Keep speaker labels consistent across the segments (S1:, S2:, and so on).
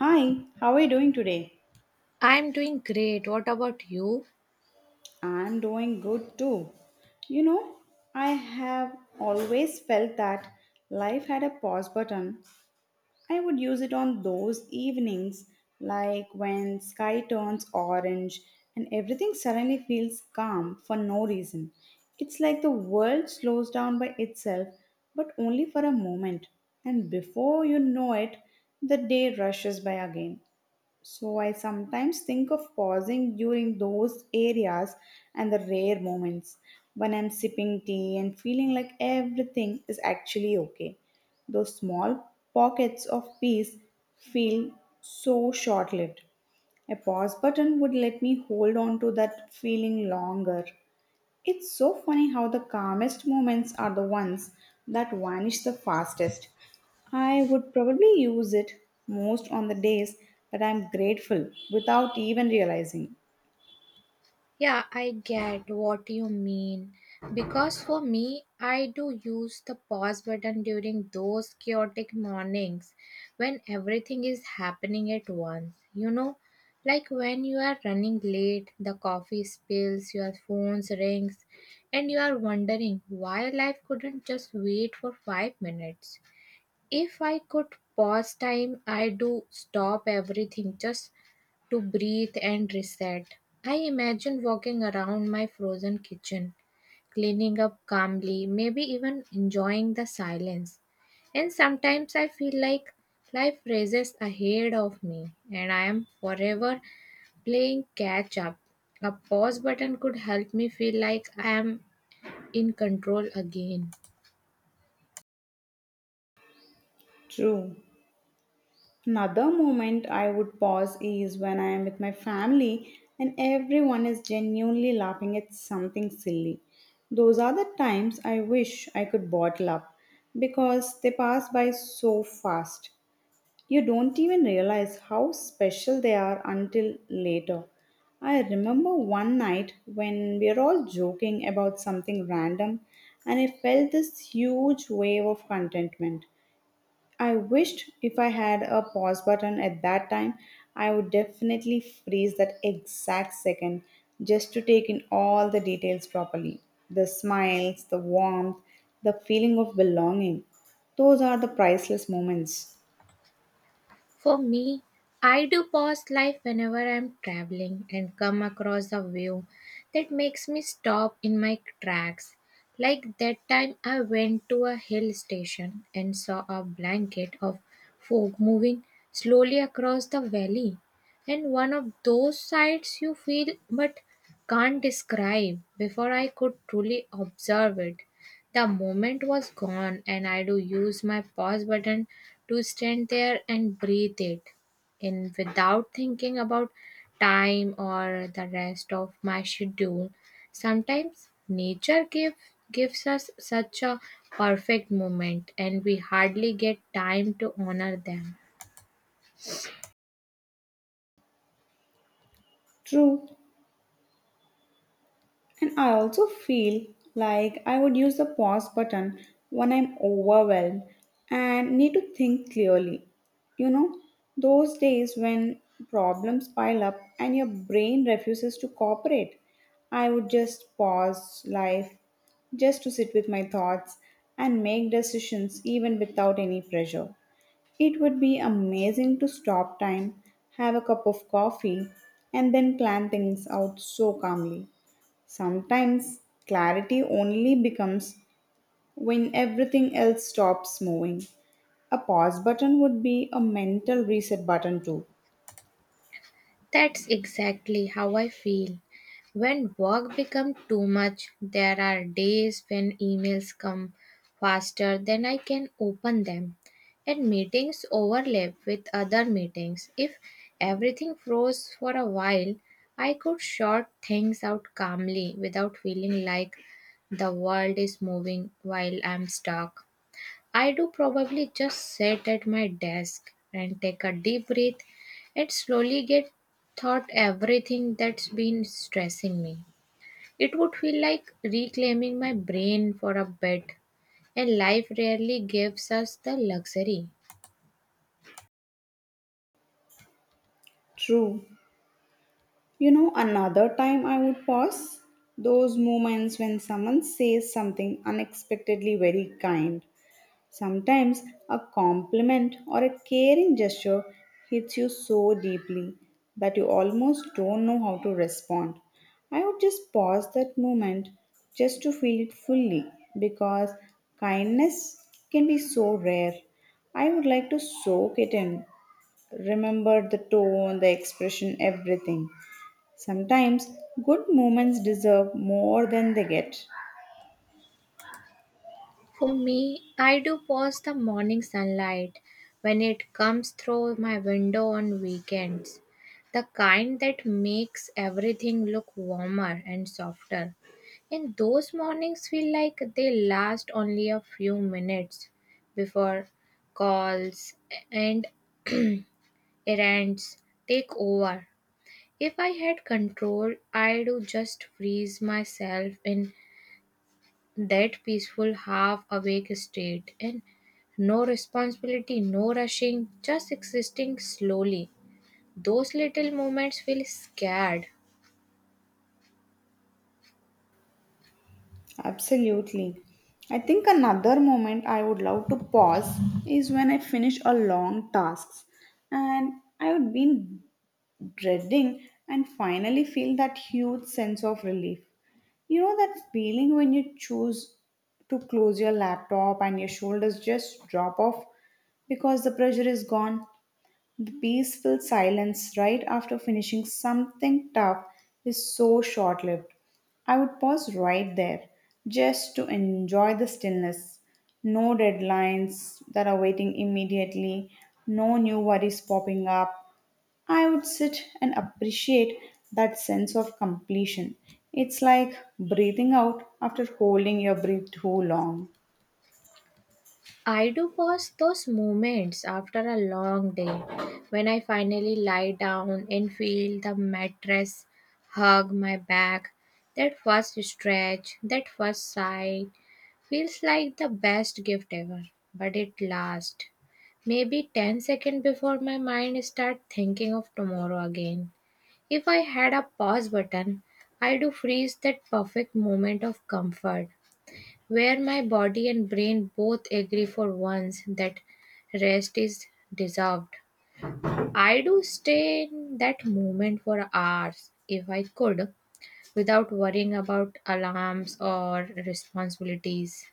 S1: Hi, how are you doing today?
S2: I'm doing great. What about you?
S1: I'm doing good too. You know, I have always felt that life had a pause button. I would use it on those evenings, like when sky turns orange and everything suddenly feels calm for no reason. It's like the world slows down by itself, but only for a moment. And before you know it, the day rushes by again. So I sometimes think of pausing during those areas and the rare moments when I'm sipping tea and feeling like everything is actually okay. Those small pockets of peace feel so short lived. A pause button would let me hold on to that feeling longer. It's so funny how the calmest moments are the ones that vanish the fastest. I would probably use it most on the days that I'm grateful without even realizing.
S2: Yeah, I get what you mean. Because for me, I do use the pause button during those chaotic mornings when everything is happening at once. You know, like when you are running late, the coffee spills, your phone rings, and you are wondering why life couldn't just wait for 5 minutes. If I could pause time, I do stop everything just to breathe and reset. I imagine walking around my frozen kitchen, cleaning up calmly, maybe even enjoying the silence. And sometimes I feel like life races ahead of me and I am forever playing catch up. A pause button could help me feel like I am in control again.
S1: True. Another moment I would pause is when I am with my family and everyone is genuinely laughing at something silly. Those are the times I wish I could bottle up because they pass by so fast. You don't even realize how special they are until later. I remember one night when we were all joking about something random and I felt this huge wave of contentment. I wished if I had a pause button at that time, I would definitely freeze that exact second just to take in all the details properly. The smiles, the warmth, the feeling of belonging. Those are the priceless moments.
S2: For me, I do pause life whenever I'm traveling and come across a view that makes me stop in my tracks. Like that time I went to a hill station and saw a blanket of fog moving slowly across the valley. And one of those sights you feel but can't describe before I could truly observe it. The moment was gone, and I do use my pause button to stand there and breathe it in without thinking about time or the rest of my schedule. Sometimes gives us such a perfect moment, and we hardly get time to honor them.
S1: True. And I also feel like I would use the pause button when I'm overwhelmed and need to think clearly. You know, those days when problems pile up and your brain refuses to cooperate, I would just pause life just to sit with my thoughts and make decisions even without any pressure. It would be amazing to stop time, have a cup of coffee, and then plan things out so calmly. Sometimes clarity only becomes when everything else stops moving. A pause button would be a mental reset button too.
S2: That's exactly how I feel. When work becomes too much, there are days when emails come faster than I can open them, and meetings overlap with other meetings. If everything froze for a while, I could sort things out calmly without feeling like the world is moving while I'm stuck. I do probably just sit at my desk and take a deep breath and slowly get thought everything that's been stressing me. It would feel like reclaiming my brain for a bit, and life rarely gives us the luxury.
S1: True. You know, another time I would pause? Those moments when someone says something unexpectedly very kind. Sometimes a compliment or a caring gesture hits you so deeply that you almost don't know how to respond. I would just pause that moment just to feel it fully because kindness can be so rare. I would like to soak it in, remember the tone, the expression, everything. Sometimes good moments deserve more than they get.
S2: For me, I do pause the morning sunlight when it comes through my window on weekends. The kind that makes everything look warmer and softer. And those mornings feel like they last only a few minutes before calls and errands take over. If I had control, I'd just freeze myself in that peaceful half awake state and no responsibility, no rushing, just existing slowly. Those little moments feel scared.
S1: Absolutely. I think another moment I would love to pause is when I finish a long task and I would be dreading and finally feel that huge sense of relief. You know that feeling when you choose to close your laptop and your shoulders just drop off because the pressure is gone? The peaceful silence right after finishing something tough is so short lived. I would pause right there just to enjoy the stillness. No deadlines that are waiting immediately, no new worries popping up. I would sit and appreciate that sense of completion. It's like breathing out after holding your breath too long.
S2: I do pause those moments after a long day when I finally lie down and feel the mattress hug my back. That first stretch, that first sigh, feels like the best gift ever, but it lasts maybe 10 seconds before my mind start thinking of tomorrow again. If I had a pause button, I do freeze that perfect moment of comfort where my body and brain both agree for once that rest is deserved. I do stay in that moment for hours if I could without worrying about alarms or responsibilities.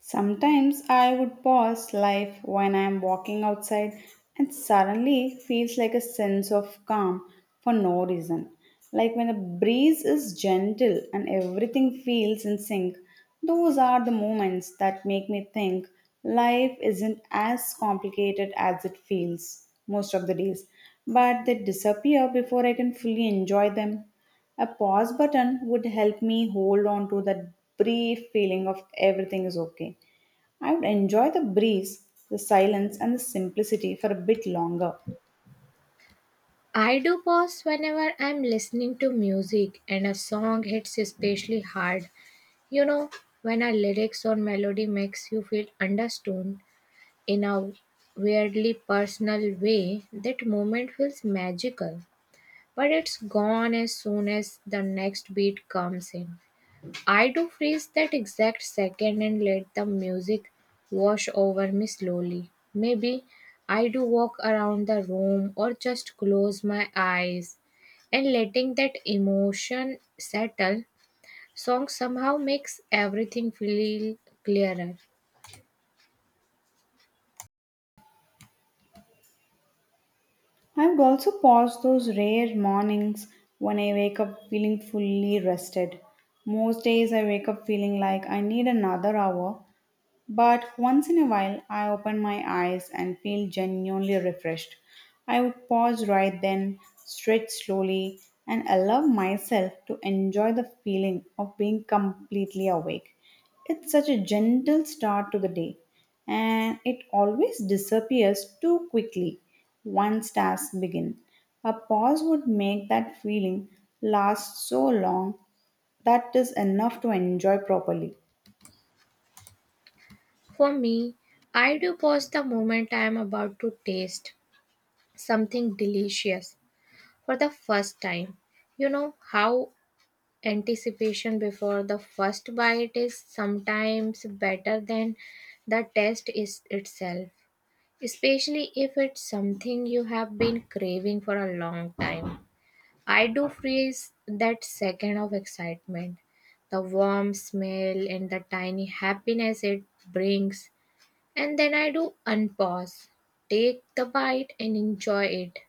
S1: Sometimes I would pause life when I am walking outside and suddenly feels like a sense of calm for no reason. Like when the breeze is gentle and everything feels in sync, those are the moments that make me think life isn't as complicated as it feels most of the days, but they disappear before I can fully enjoy them. A pause button would help me hold on to that brief feeling of everything is okay. I would enjoy the breeze, the silence, and the simplicity for a bit longer.
S2: I do pause whenever I'm listening to music and a song hits especially hard. You know, when a lyrics or melody makes you feel understood in a weirdly personal way, that moment feels magical. But it's gone as soon as the next beat comes in. I do freeze that exact second and let the music wash over me slowly. Maybe I do walk around the room or just close my eyes and letting that emotion settle. Song somehow makes everything feel clearer.
S1: I would also pause those rare mornings when I wake up feeling fully rested. Most days I wake up feeling like I need another hour, but once in a while, I open my eyes and feel genuinely refreshed. I would pause right then, stretch slowly, and allow myself to enjoy the feeling of being completely awake. It's such a gentle start to the day, and it always disappears too quickly once tasks begin. A pause would make that feeling last so long that is enough to enjoy properly.
S2: For me, I do pause the moment I am about to taste something delicious for the first time. You know how anticipation before the first bite is sometimes better than the taste is itself, especially if it's something you have been craving for a long time. I do freeze that second of excitement, the warm smell and the tiny happiness it brings, and then I do unpause, take the bite and enjoy it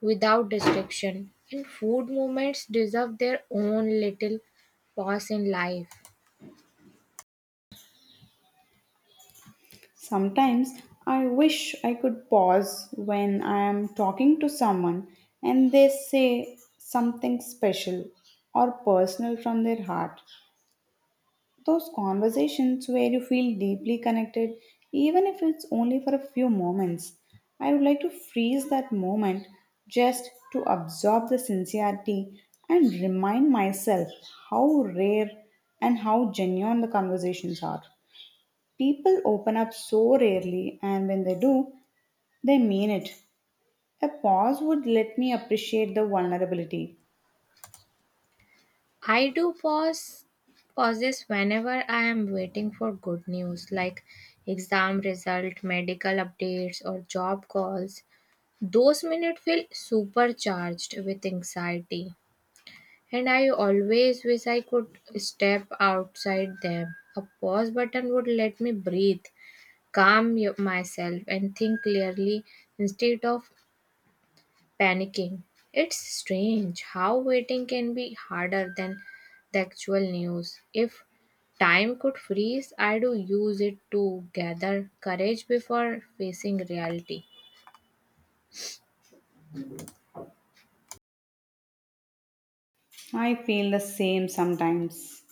S2: without restriction. And food movements deserve their own little pause in life.
S1: Sometimes I wish I could pause when I am talking to someone and they say something special or personal from their heart. Those conversations where you feel deeply connected, even if it's only for a few moments. I would like to freeze that moment just to absorb the sincerity and remind myself how rare and how genuine the conversations are. People open up so rarely, and when they do, they mean it. A pause would let me appreciate the vulnerability.
S2: I do pause pauses whenever I am waiting for good news like exam result, medical updates or job calls. Those minutes feel supercharged with anxiety and I always wish I could step outside them. A pause button would let me breathe, myself, and think clearly instead of panicking. It's strange how waiting can be harder than the actual news. If time could freeze, I do use it to gather courage before facing reality.
S1: I feel the same sometimes.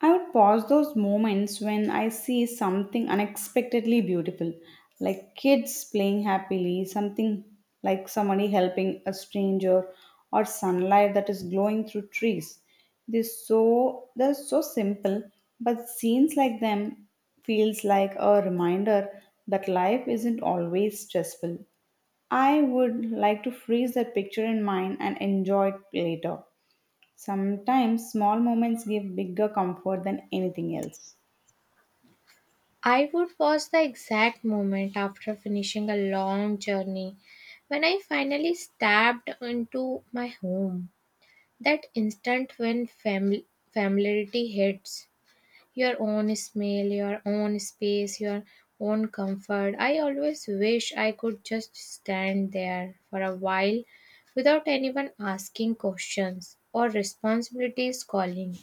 S1: I would pause those moments when I see something unexpectedly beautiful, like kids playing happily, something like somebody helping a stranger, or sunlight that is glowing through trees. They're so simple, but scenes like them feels like a reminder that life isn't always stressful. I would like to freeze that picture in mind and enjoy it later. Sometimes small moments give bigger comfort than anything else.
S2: I would pause the exact moment after finishing a long journey when I finally stepped into my home. That instant when familiarity hits your own smell, your own space, your own comfort. I always wish I could just stand there for a while without anyone asking questions or responsibilities calling.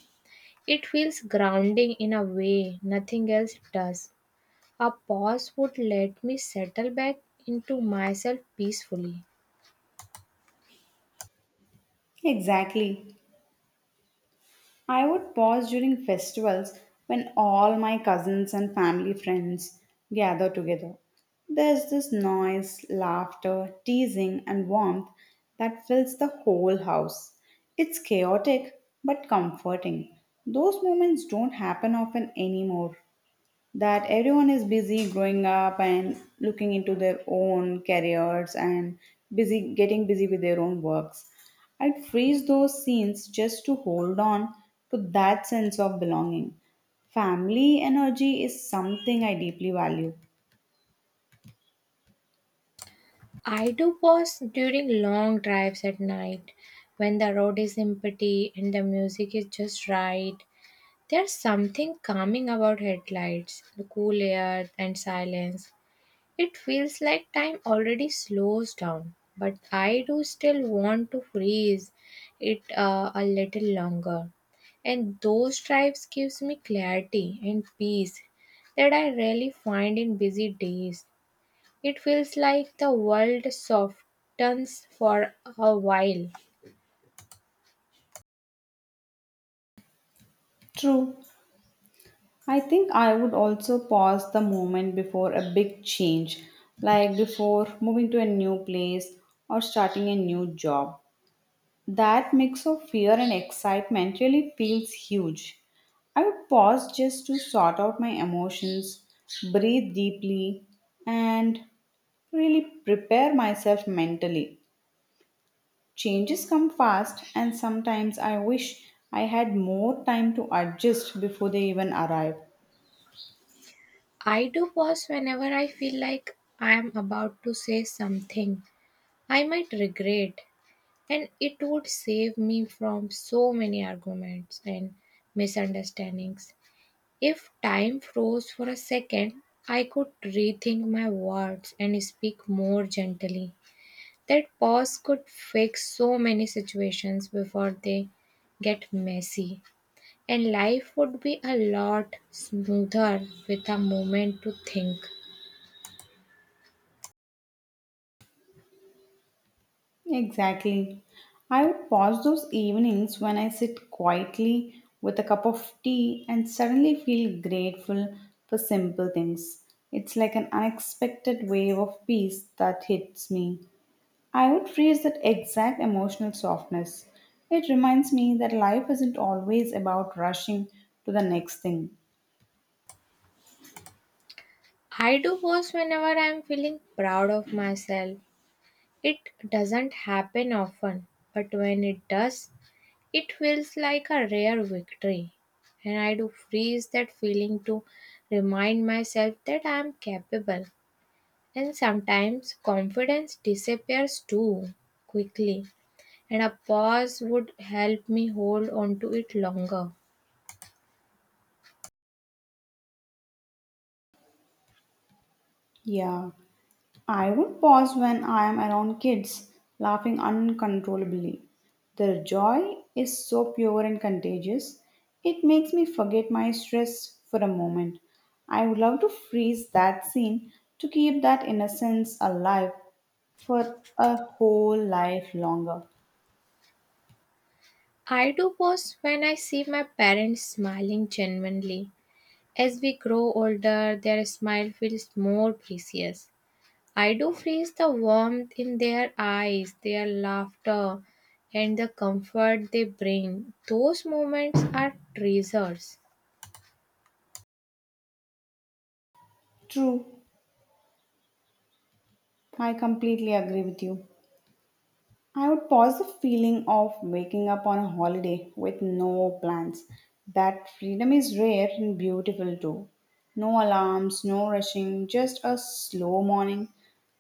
S2: It feels grounding in a way nothing else does. A pause would let me settle back into myself peacefully.
S1: Exactly. I would pause during festivals when all my cousins and family friends gather together. There's this noise, laughter, teasing, and warmth that fills the whole house. It's chaotic but comforting. Those moments don't happen often anymore. That everyone is busy growing up and looking into their own careers and busy getting busy with their own works. I'd freeze those scenes just to hold on to that sense of belonging. Family energy is something I deeply value.
S2: I do pause during long drives at night when the road is empty and the music is just right. There's something calming about headlights, the cool air, and silence. It feels like time already slows down, but I do still want to freeze it a little longer. And those drives gives me clarity and peace that I rarely find in busy days. It feels like the world softens for a while.
S1: True. I think I would also pause the moment before a big change, like before moving to a new place or starting a new job. That mix of fear and excitement really feels huge. I would pause just to sort out my emotions, breathe deeply, and really prepare myself mentally. Changes come fast, and sometimes I wish I had more time to adjust before they even arrive.
S2: I do pause whenever I feel like I am about to say something I might regret, and it would save me from so many arguments and misunderstandings. If time froze for a second, I could rethink my words and speak more gently. That pause could fix so many situations before they get messy, and life would be a lot smoother with a moment to think.
S1: Exactly. I would pause those evenings when I sit quietly with a cup of tea and suddenly feel grateful for simple things. It's like an unexpected wave of peace that hits me. I would freeze that exact emotional softness. It reminds me that life isn't always about rushing to the next thing.
S2: I do pause whenever I am feeling proud of myself. It doesn't happen often, but when it does, it feels like a rare victory. And I do freeze that feeling to remind myself that I am capable. And sometimes confidence disappears too quickly, and a pause would help me hold on to it longer.
S1: Yeah. I would pause when I am around kids laughing uncontrollably. Their joy is so pure and contagious, it makes me forget my stress for a moment. I would love to freeze that scene to keep that innocence alive for a whole life longer.
S2: I do pause when I see my parents smiling genuinely. As we grow older, their smile feels more precious. I do freeze the warmth in their eyes, their laughter, and the comfort they bring. Those moments are treasures.
S1: True, I completely agree with you. I would pause the feeling of waking up on a holiday with no plans. That freedom is rare and beautiful too. No alarms, no rushing, just a slow morning.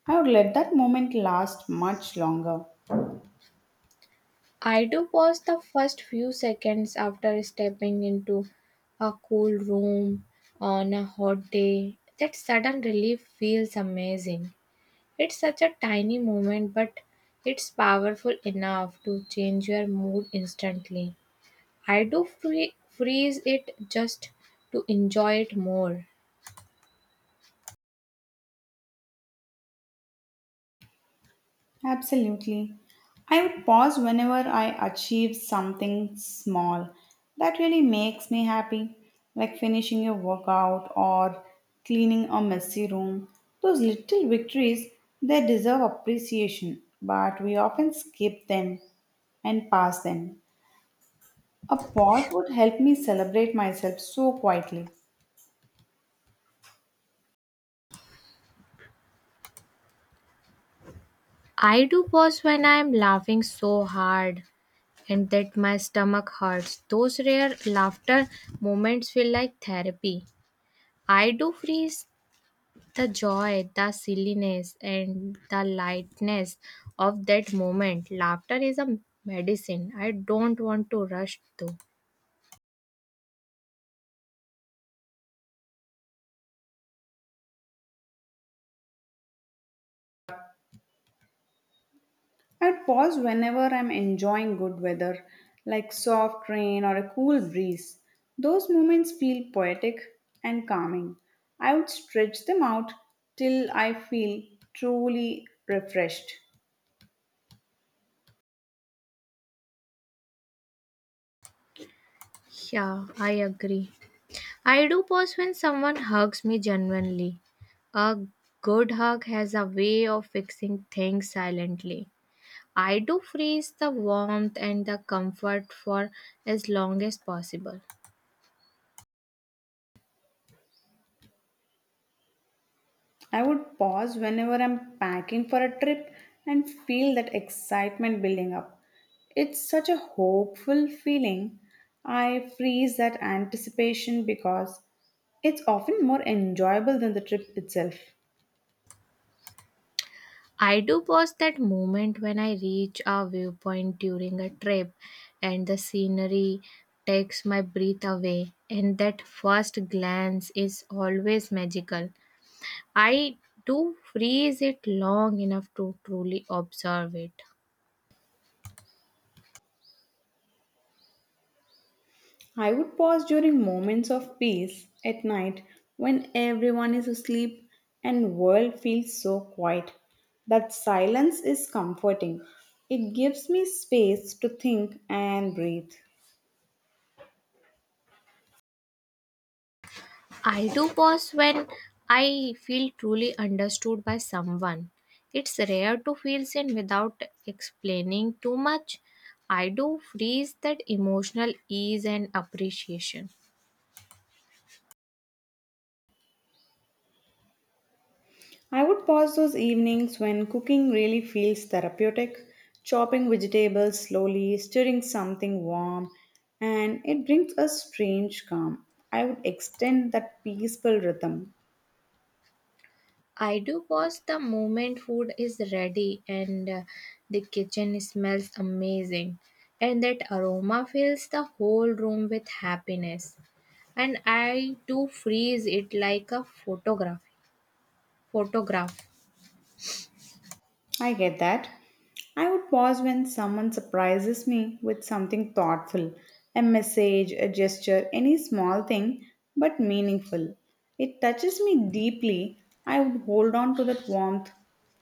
S1: I would let that moment last much longer.
S2: I do pause the first few seconds after stepping into a cool room on a hot day. That sudden relief feels amazing. It's such a tiny moment, but it's powerful enough to change your mood instantly. I do freeze it just to enjoy it more.
S1: Absolutely. I would pause whenever I achieve something small that really makes me happy, like finishing a workout or cleaning a messy room. Those little victories, they deserve appreciation, but we often skip them and pass them. A pause would help me celebrate myself so quietly.
S2: I do pause when I am laughing so hard and that my stomach hurts. Those rare laughter moments feel like therapy. I do freeze the joy, the silliness, and the lightness of that moment. Laughter is a medicine. I don't want to rush though.
S1: I pause whenever I'm enjoying good weather, like soft rain or a cool breeze. Those moments feel poetic and calming. I would stretch them out till I feel truly refreshed.
S2: Yeah, I agree. I do pause when someone hugs me genuinely. A good hug has a way of fixing things silently. I do freeze the warmth and the comfort for as long as possible.
S1: I would pause whenever I'm packing for a trip and feel that excitement building up. It's such a hopeful feeling. I freeze that anticipation because it's often more enjoyable than the trip itself.
S2: I do pause that moment when I reach a viewpoint during a trip and the scenery takes my breath away, and that first glance is always magical. I do freeze it long enough to truly observe it.
S1: I would pause during moments of peace at night when everyone is asleep and world feels so quiet. That silence is comforting. It gives me space to think and breathe.
S2: I do pause when I feel truly understood by someone. It's rare to feel seen without explaining too much. I do freeze that emotional ease and appreciation.
S1: I would pause those evenings when cooking really feels therapeutic, chopping vegetables slowly, stirring something warm, and it brings a strange calm. I would extend that peaceful rhythm.
S2: I do pause the moment food is ready and the kitchen smells amazing, and that aroma fills the whole room with happiness. And I do freeze it like a photograph. Photograph.
S1: I get that. I would pause when someone surprises me with something thoughtful, a message, a gesture, any small thing, but meaningful. It touches me deeply. I would hold on to that warmth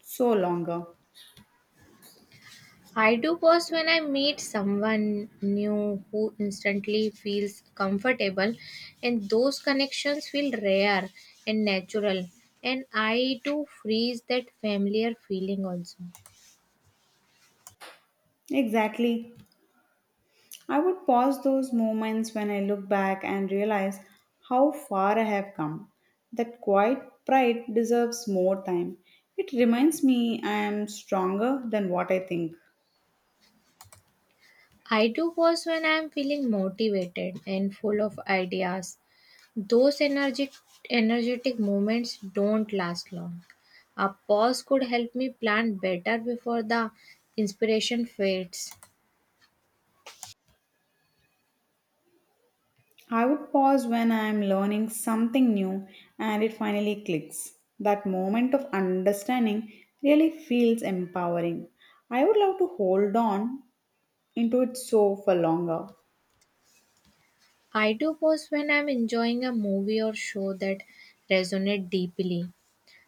S1: so longer.
S2: I do pause when I meet someone new who instantly feels comfortable, and those connections feel rare and natural. And I do freeze that familiar feeling also.
S1: Exactly. I would pause those moments when I look back and realize how far I have come. That quiet pride deserves more time. It reminds me I am stronger than what I think.
S2: I do pause when I am feeling motivated and full of ideas. Those energetic moments don't last long. A pause could help me plan better before the inspiration fades.
S1: I would pause when I am learning something new and it finally clicks. That moment of understanding really feels empowering. I would love to hold on into it so for longer.
S2: I do pause when I'm enjoying a movie or show that resonate deeply.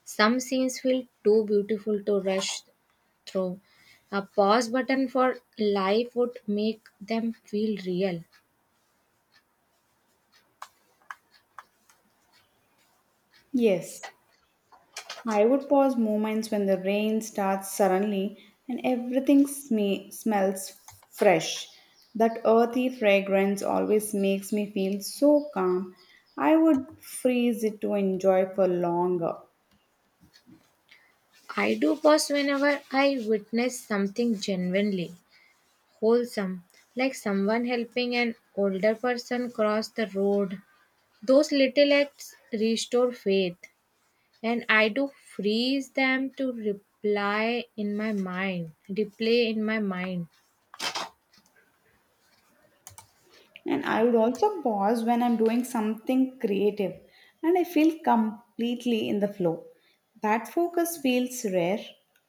S2: Some scenes feel too beautiful to rush through. A pause button for life would make them feel real.
S1: Yes, I would pause moments when the rain starts suddenly and everything smells fresh. That earthy fragrance always makes me feel so calm. I would freeze it to enjoy for longer.
S2: I do pause whenever I witness something genuinely wholesome, like someone helping an older person cross the road. Those little acts restore faith, and I do freeze them to reply in my mind, replay in my mind.
S1: And I would also pause when I'm doing something creative and I feel completely in the flow. That focus feels rare.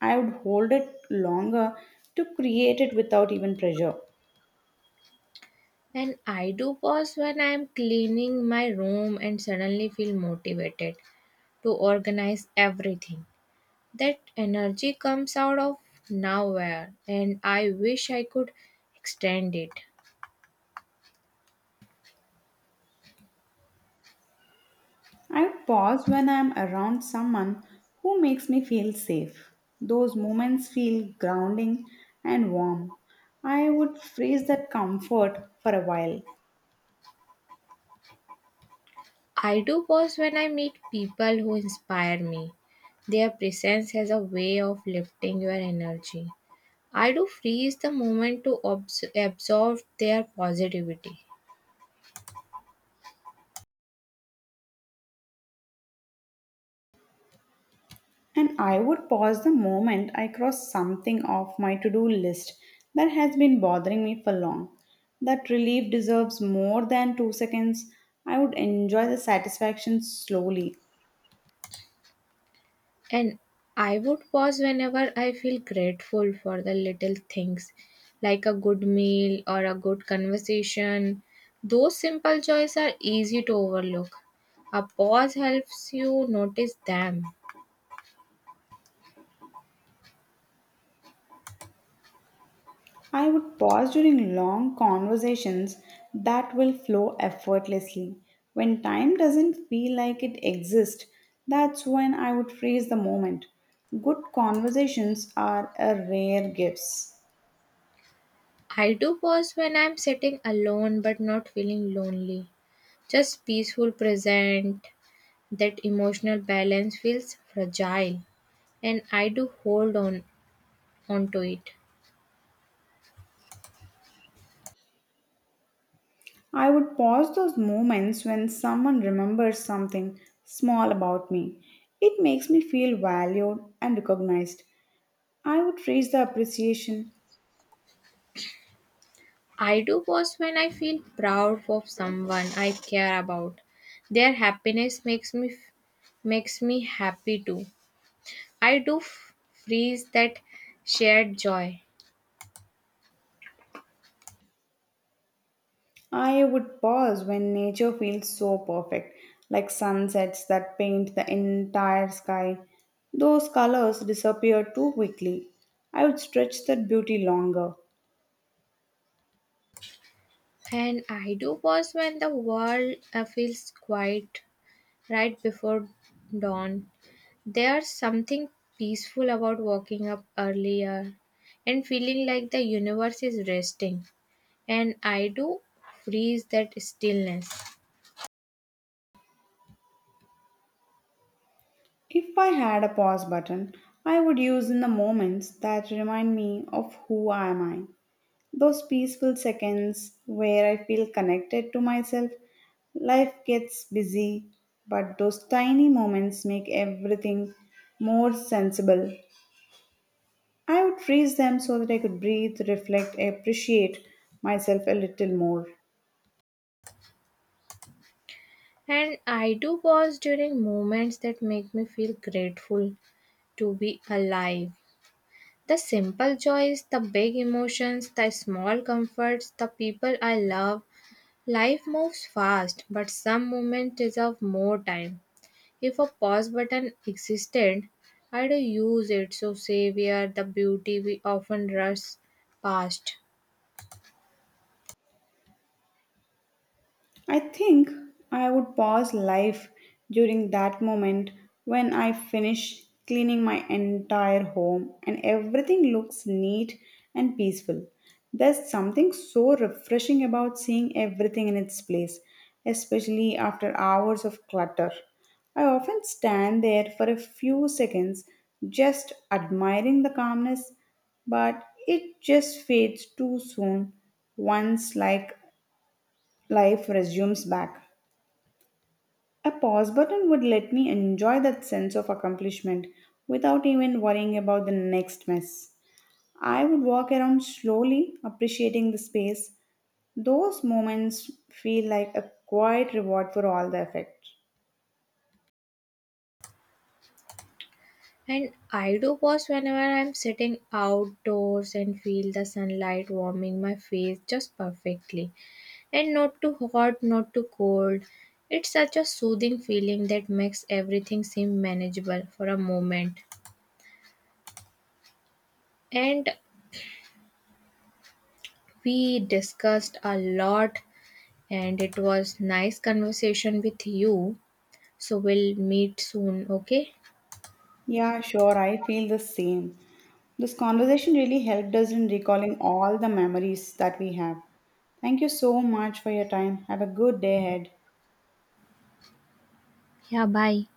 S1: I would hold it longer to create it without even pressure.
S2: And I do pause when I am cleaning my room and suddenly feel motivated to organize everything. That energy comes out of nowhere, and I wish I could extend it.
S1: I would pause when I'm around someone who makes me feel safe. Those moments feel grounding and warm. I would freeze that comfort for a while.
S2: I do pause when I meet people who inspire me. Their presence has a way of lifting your energy. I do freeze the moment to absorb their positivity.
S1: And I would pause the moment I cross something off my to do list that has been bothering me for long. That relief deserves more than 2 seconds. I would enjoy the satisfaction slowly.
S2: And I would pause whenever I feel grateful for the little things, like a good meal or a good conversation. Those simple joys are easy to overlook. A pause helps you notice them.
S1: I would pause during long conversations that will flow effortlessly. When time doesn't feel like it exists, that's when I would freeze the moment. Good conversations are a rare gifts.
S2: I do pause when I'm sitting alone but not feeling lonely. Just peaceful present, that emotional balance feels fragile and I do hold on onto it.
S1: I would pause those moments when someone remembers something small about me. It makes me feel valued and recognized. I would praise the appreciation.
S2: I do pause when I feel proud of someone I care about. Their happiness makes me happy too. I do freeze that shared joy.
S1: I would pause when nature feels so perfect, like sunsets that paint the entire sky. Those colors disappear too quickly. I would stretch that beauty longer.
S2: And I do pause when the world feels quiet right before dawn. There's something peaceful about waking up earlier and feeling like the universe is resting. And I do freeze that stillness.
S1: If I had a pause button, I would use in the moments that remind me of who am I. Those peaceful seconds where I feel connected to myself. Life gets busy, but those tiny moments make everything more sensible. I would freeze them so that I could breathe, reflect, appreciate myself a little more.
S2: And I do pause during moments that make me feel grateful to be alive. The simple joys, the big emotions, the small comforts, the people I love. Life moves fast, but some moments deserve more time. If a pause button existed, I'd use it so savor the beauty we often rush past.
S1: I think I would pause life during that moment when I finish cleaning my entire home and everything looks neat and peaceful. There's something so refreshing about seeing everything in its place, especially after hours of clutter. I often stand there for a few seconds just admiring the calmness, but it just fades too soon once like life resumes back. A pause button would let me enjoy that sense of accomplishment without even worrying about the next mess. I would walk around slowly, appreciating the space. Those moments feel like a quiet reward for all the effort.
S2: And I do pause whenever I'm sitting outdoors and feel the sunlight warming my face just perfectly. And not too hot, not too cold. It's such a soothing feeling that makes everything seem manageable for a moment. And we discussed a lot and it was nice conversation with you. So we'll meet soon, okay?
S1: Yeah, sure, I feel the same. This conversation really helped us in recalling all the memories that we have. Thank you so much for your time. Have a good day ahead.
S2: Yeah, bye.